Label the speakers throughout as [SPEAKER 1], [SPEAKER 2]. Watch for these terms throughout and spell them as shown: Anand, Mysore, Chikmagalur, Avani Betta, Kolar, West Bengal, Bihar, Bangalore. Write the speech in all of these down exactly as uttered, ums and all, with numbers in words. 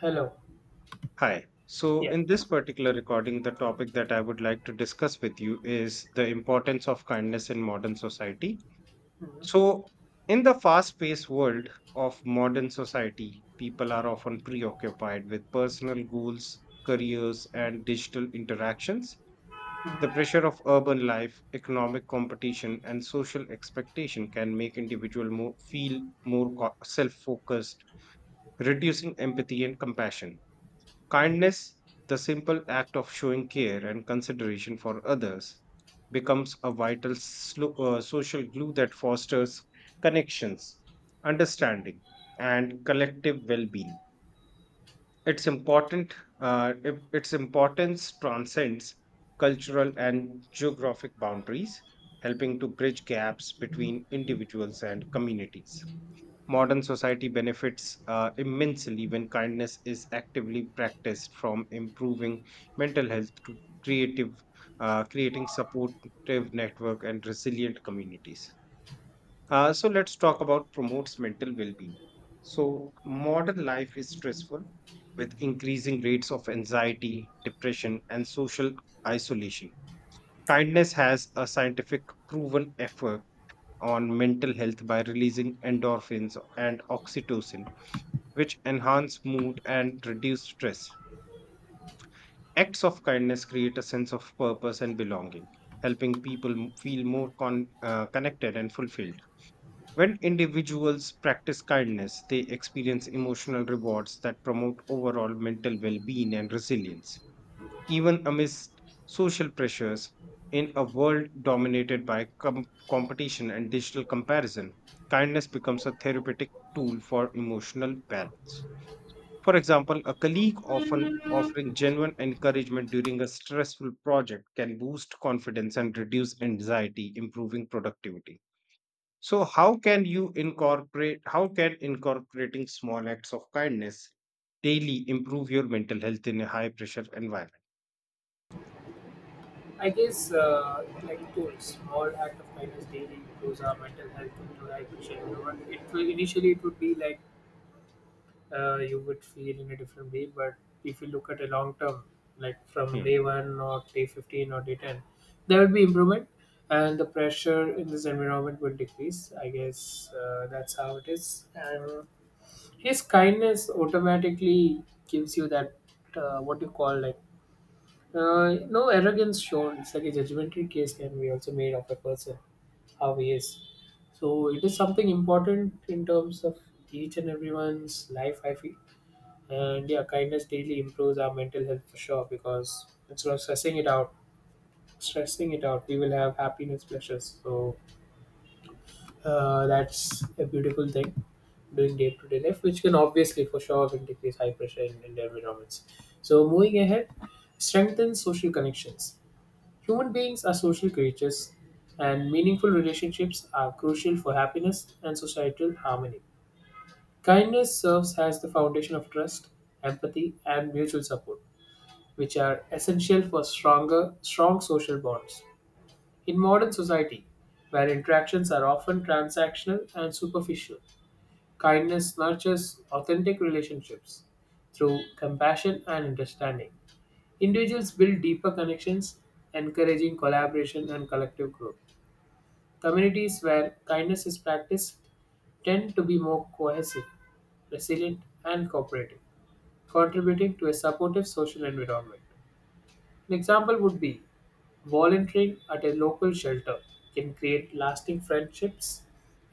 [SPEAKER 1] Hello.
[SPEAKER 2] Hi. So,
[SPEAKER 1] Yeah.
[SPEAKER 2] in this particular recording, the topic that I would like to discuss with you is the importance of kindness in modern society.
[SPEAKER 1] Mhm.
[SPEAKER 2] So, in the fast paced world of modern society, people are often preoccupied with personal goals, careers, and digital interactions. The pressure of urban life, economic competition, and social expectation can make individuals more, feel more self focused, reducing empathy and compassion. Kindness, the simple act of showing care and consideration for others, becomes a vital slo- uh, social glue that fosters connections, understanding, and collective well-being. It's important. Uh, it- its importance transcends cultural and geographic boundaries, helping to bridge gaps between individuals and communities. Modern society benefits uh, immensely when kindness is actively practiced, from improving mental health to creative, uh, creating supportive network and resilient communities. Uh, so let's talk about promotes mental well-being. So modern life is stressful, with increasing rates of anxiety, depression, and social isolation. Kindness has a scientific proven effect on mental health by releasing endorphins and oxytocin, which enhance mood and reduce stress. Acts of kindness create a sense of purpose and belonging, helping people m- feel more con- uh, connected and fulfilled. When individuals practice kindness, they experience emotional rewards that promote overall mental well being and resilience. Even amidst social pressures, in a world dominated by com- competition and digital comparison, kindness becomes a therapeutic tool for emotional balance. For example, a colleague often offering genuine encouragement during a stressful project can boost confidence and reduce anxiety, improving productivity. So how can you incorporate how can incorporating small acts of kindness daily improve your mental health in a high pressure environment?
[SPEAKER 1] I guess, uh, like to small act of kindness daily improves our mental health into like everyone. It will initially it would be like uh, you would feel in a different way, but if you look at a long term, like from
[SPEAKER 2] Hmm.
[SPEAKER 1] day one or day fifteen or day ten, there will be improvement, and the pressure in this environment will decrease. I guess uh, that's how it is. And his kindness automatically gives you that uh, what you call like. Uh, no arrogance shown. It's like a judgmental case can be also made of a person, how he is. So it is something important in terms of each and everyone's life, I feel. And yeah, kindness daily improves our mental health for sure because instead of stressing it out, stressing it out, we will have happiness pleasures. So uh, that's a beautiful thing doing day to day life, which can obviously for sure will decrease high pressure in, in environments. So moving ahead, strengthen social connections. Human beings are social creatures, and meaningful relationships are crucial for happiness and societal harmony. Kindness serves as the foundation of trust, empathy, and mutual support, which are essential for stronger, strong social bonds. In modern society, where interactions are often transactional and superficial, kindness nurtures authentic relationships through compassion and understanding. Individuals build deeper connections, encouraging collaboration and collective growth. Communities where kindness is practiced tend to be more cohesive, resilient, and cooperative, contributing to a supportive social environment. An example would be volunteering at a local shelter can create lasting friendships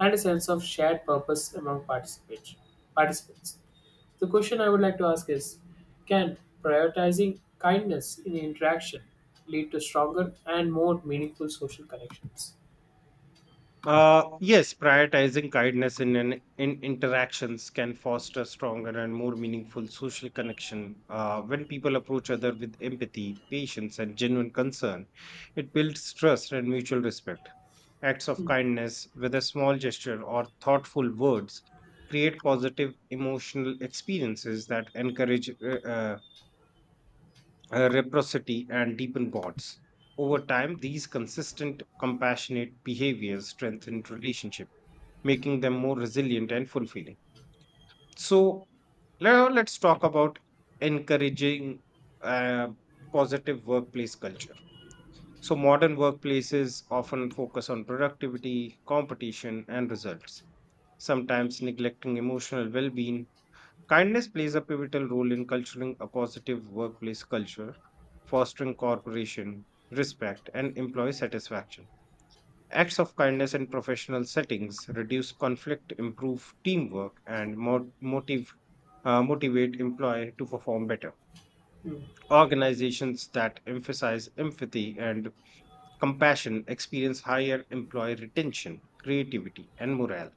[SPEAKER 1] and a sense of shared purpose among participants. participants. The question I would like to ask is, can prioritizing kindness in interaction lead to stronger and more meaningful social connections?
[SPEAKER 2] Uh, yes, prioritizing kindness in, in in interactions can foster stronger and more meaningful social connection. Uh, when people approach other with empathy, patience, and genuine concern, it builds trust and mutual respect. Acts of kindness, whether small gesture or thoughtful words, create positive emotional experiences that encourage uh, uh, uh, reciprocity and deepen bonds. Over time, these consistent, compassionate behaviors strengthen relationships making them more resilient and fulfilling. So now let's talk about encouraging uh, positive workplace culture. So modern workplaces often focus on productivity, competition, and results, sometimes neglecting emotional well-being. Kindness plays a pivotal role in culturing a positive workplace culture, fostering cooperation, respect, and employee satisfaction. Acts of kindness in professional settings reduce conflict, improve teamwork, and mo- motive, uh, motivate employee to perform better. Organizations that emphasize empathy and compassion experience higher employee retention, creativity, and morale.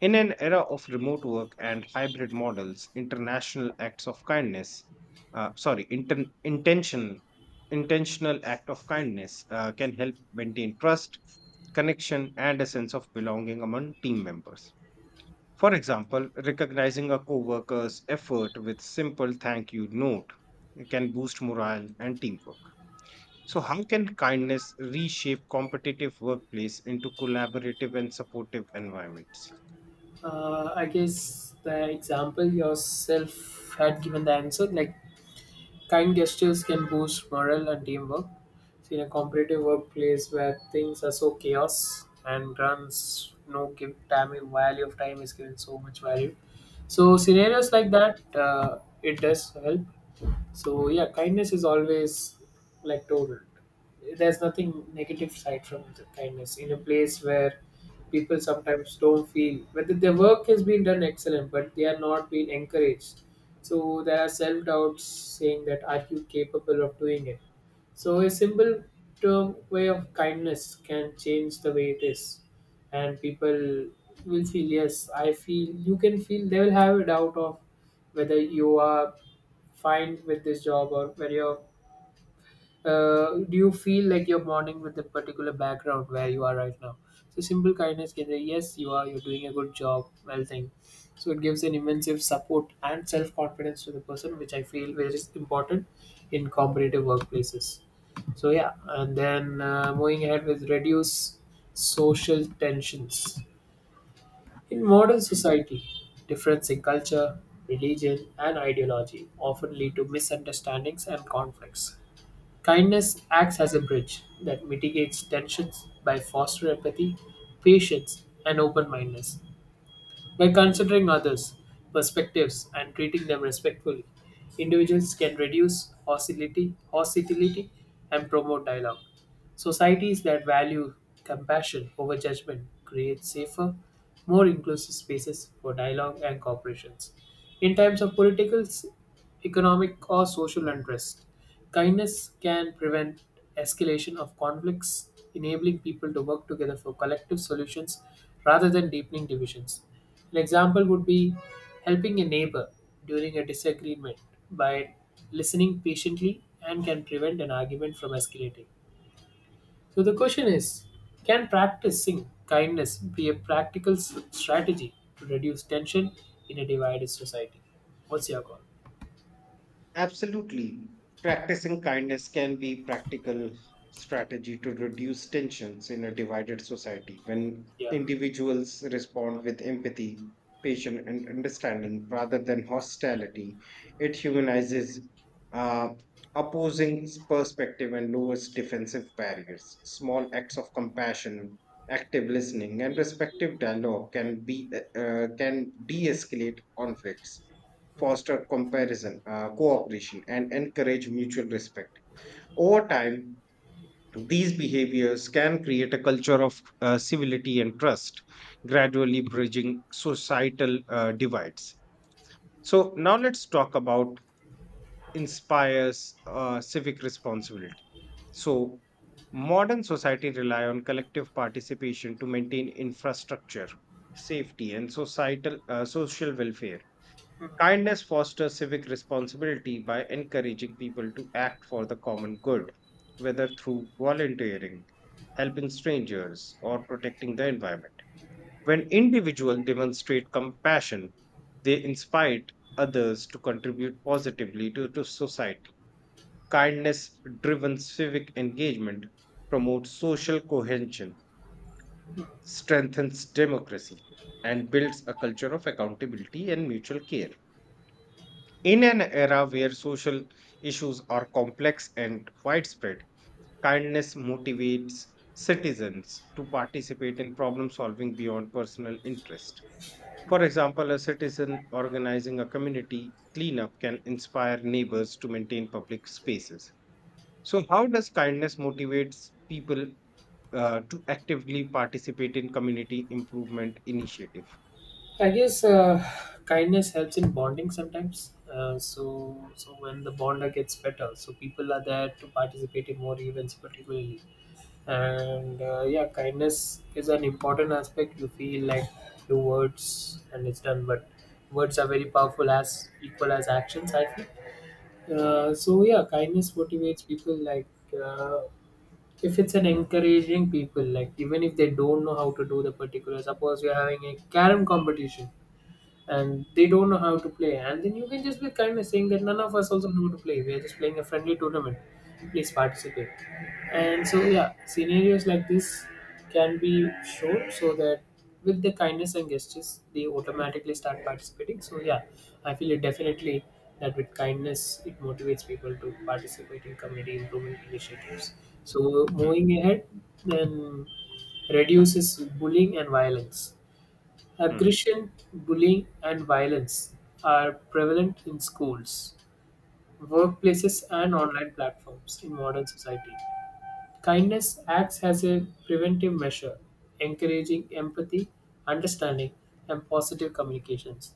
[SPEAKER 2] In an era of remote work and hybrid models, international acts of kindness, uh, sorry, inten- intention, intentional act of kindness uh, can help maintain trust, connection, and a sense of belonging among team members. For example, recognizing a coworker's effort with simple thank you note can boost morale and teamwork. So, how can kindness reshape competitive workplace into collaborative and supportive environments?
[SPEAKER 1] Uh, I guess the example yourself had given the answer, like kind gestures can boost morale and teamwork. So in a competitive workplace where things are so chaos and runs no give time value of time is given so much value. So scenarios like that, uh, it does help. So yeah, kindness is always like total. There's nothing negative side from the kindness in a place where people sometimes don't feel whether their work has been done excellent, but they are not being encouraged. So there are self doubts saying that are you capable of doing it. So a simple term way of kindness can change the way it is, and people will feel yes. I feel you can feel they will have a doubt of whether you are find with this job or where you're uh, do you feel like you're bonding with the particular background where you are right now. So simple kindness can say yes you are you're doing a good job well thing. So it gives an immense support and self-confidence to the person which I feel which is important in competitive workplaces. So yeah, and then uh, moving ahead with reduce social tensions in modern
[SPEAKER 2] Mm.
[SPEAKER 1] society, difference in culture, religion, and ideology often lead to misunderstandings and conflicts. Kindness acts as a bridge that mitigates tensions by fostering empathy, patience, and open mindedness. By considering others' perspectives and treating them respectfully, individuals can reduce hostility, hostility and promote dialogue. Societies that value compassion over judgment create safer, more inclusive spaces for dialogue and cooperations. In times of political economic or social unrest, kindness can prevent escalation of conflicts, enabling people to work together for collective solutions rather than deepening divisions. An example would be helping a neighbor during a disagreement by listening patiently and can prevent an argument from escalating. So the question is, can practicing kindness be a practical s- strategy to reduce tension in a divided society? What's your call?
[SPEAKER 2] Absolutely. Practicing kindness can be practical strategy to reduce tensions in a divided society when
[SPEAKER 1] Yeah.
[SPEAKER 2] individuals respond with empathy, patience, and understanding rather than hostility. It humanizes uh, opposing perspective and lowers defensive barriers. Small acts of compassion, active listening, and respectful dialogue can be uh, can de-escalate conflicts foster comparison, uh, cooperation, and encourage mutual respect. Over time, these behaviors can create a culture of uh, civility and trust, gradually bridging societal uh, divides. So, now let's talk about inspires uh, civic responsibility. So, modern society rely on collective participation to maintain infrastructure, safety, and societal uh, social welfare. Kindness fosters civic responsibility by encouraging people to act for the common good, whether through volunteering, helping strangers, or protecting the environment. When individuals demonstrate compassion, they inspire others to contribute positively to, to society. Kindness driven civic engagement promotes social cohesion, strengthens democracy, and builds a culture of accountability and mutual care. In an era where social issues are complex and widespread, kindness motivates citizens to participate in problem solving beyond personal interest. For example, a citizen organizing a community cleanup can inspire neighbors to maintain public spaces. So, how does kindness motivates people uh, to actively participate in community improvement initiative?
[SPEAKER 1] I guess uh, kindness helps in bonding sometimes. Uh, so, so when the bonder gets better, so people are there to participate in more events, particularly. And uh, yeah, kindness is an important aspect. You feel like few words and it's done, but words are very powerful as equal as actions. I feel. Uh, so yeah, kindness motivates people. Like uh, if it's an encouraging people, like even if they don't know how to do the particular. Suppose you're having a carom competition and they don't know how to play. And then you can just be kind of saying that none of us also know how to play. We are just playing a friendly tournament. Please participate. And so yeah, scenarios like this can be shown so that with the kindness and gestures they automatically start participating. So yeah, I feel it definitely that with kindness it motivates people to participate in community improvement initiatives. So
[SPEAKER 2] Hmm,
[SPEAKER 1] moving ahead, then reduces bullying and violence.
[SPEAKER 2] hmm,
[SPEAKER 1] Aggression, bullying, and violence are prevalent in schools, workplaces, and online platforms in modern society. Kindness acts as a preventive measure, encouraging empathy, understanding, and positive communications.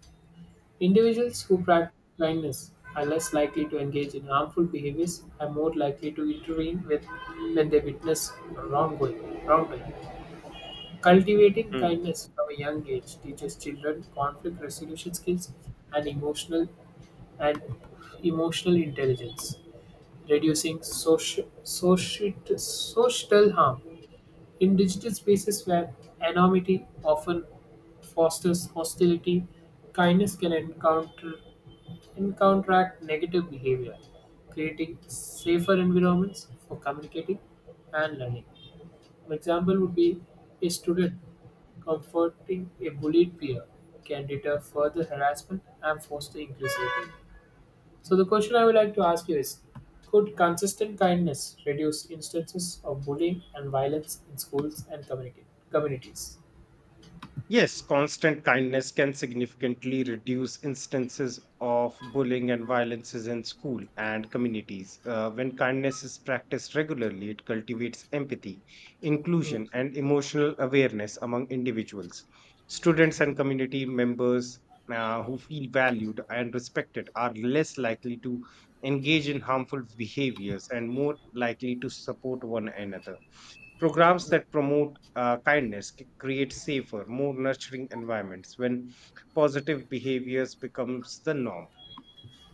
[SPEAKER 1] Individuals who practice kindness are less likely to engage in harmful behaviors and more likely to intervene with when they witness wrongdoing. wrongdoing. Cultivating
[SPEAKER 2] hmm.
[SPEAKER 1] kindness from a young age teaches children conflict resolution skills and emotional and emotional intelligence, reducing social, social, social harm. In digital spaces where anonymity often fosters hostility, kindness can encounter and counteract negative behavior, creating safer environments for communicating and learning. An example would be a student comforting a bullied peer can deter further harassment and foster inclusivity. So the question I would like to ask you is, could consistent kindness reduce instances of bullying and violence in schools and community communities?
[SPEAKER 2] Yes, constant kindness can significantly reduce instances of bullying and violences in school and communities. Uh, when kindness is practiced regularly, it cultivates empathy,
[SPEAKER 1] Mm,
[SPEAKER 2] inclusion, and emotional awareness among individuals. Students and community members uh, who feel valued and respected are less likely to engage in harmful behaviors and more likely to support one another. Programs that promote uh, kindness c- create safer, more nurturing environments when positive behaviors becomes the norm.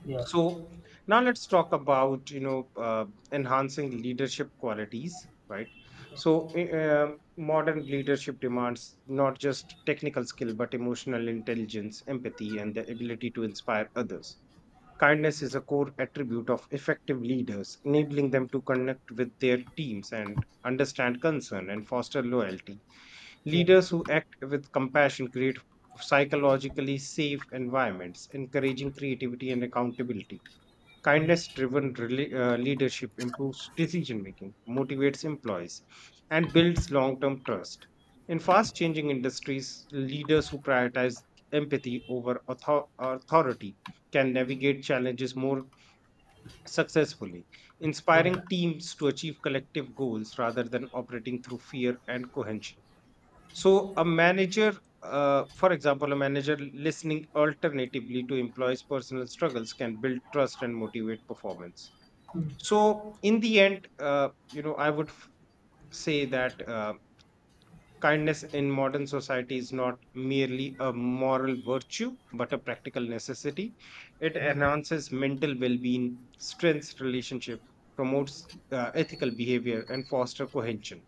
[SPEAKER 1] yeah,
[SPEAKER 2] So now let's talk about you know uh, enhancing leadership qualities, right? So i- uh, modern leadership demands not just technical skill but emotional intelligence, empathy, and the ability to inspire others. Kindness is a core attribute of effective leaders, enabling them to connect with their teams and understand concern and foster loyalty.
[SPEAKER 1] yeah,
[SPEAKER 2] Leaders who act with compassion create psychologically safe environments, encouraging creativity and accountability.
[SPEAKER 1] mm,
[SPEAKER 2] Kindness driven uh, leadership improves decision making, motivates employees, and builds long term trust. In fast changing industries, leaders who prioritize empathy over author- authority can navigate challenges more successfully,
[SPEAKER 1] yeah,
[SPEAKER 2] inspiring teams to achieve collective goals rather than operating through fear and cohesion. So, a manager, uh, for example, a manager listening alternatively to employees' personal struggles can build trust and motivate performance. So in the end uh, you know i would f- say that uh, kindness in modern society is not merely a moral virtue but a practical necessity. It
[SPEAKER 1] mm,
[SPEAKER 2] enhances mental well-being, strengthens relationship, promotes uh, ethical behavior and foster cohesion.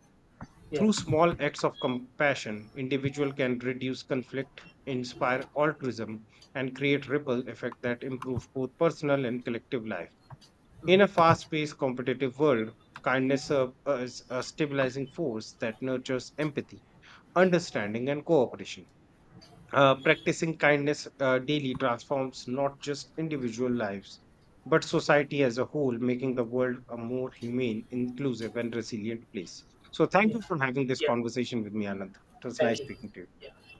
[SPEAKER 1] yeah,
[SPEAKER 2] Through small acts of compassion, individual can reduce conflict, inspire altruism, and create ripple effect that improve both personal and collective life. In a fast paced competitive world, kindness serves as a stabilizing force that nurtures empathy, understanding, and cooperation. Uh, practicing kindness uh, daily transforms not just individual lives, but society as a whole, making the world a more humane, inclusive, and resilient place. So, thank
[SPEAKER 1] yeah,
[SPEAKER 2] you for having this
[SPEAKER 1] yeah.
[SPEAKER 2] conversation with me, Anand. It was
[SPEAKER 1] Thank
[SPEAKER 2] nice
[SPEAKER 1] you.
[SPEAKER 2] speaking to you.
[SPEAKER 1] Yeah.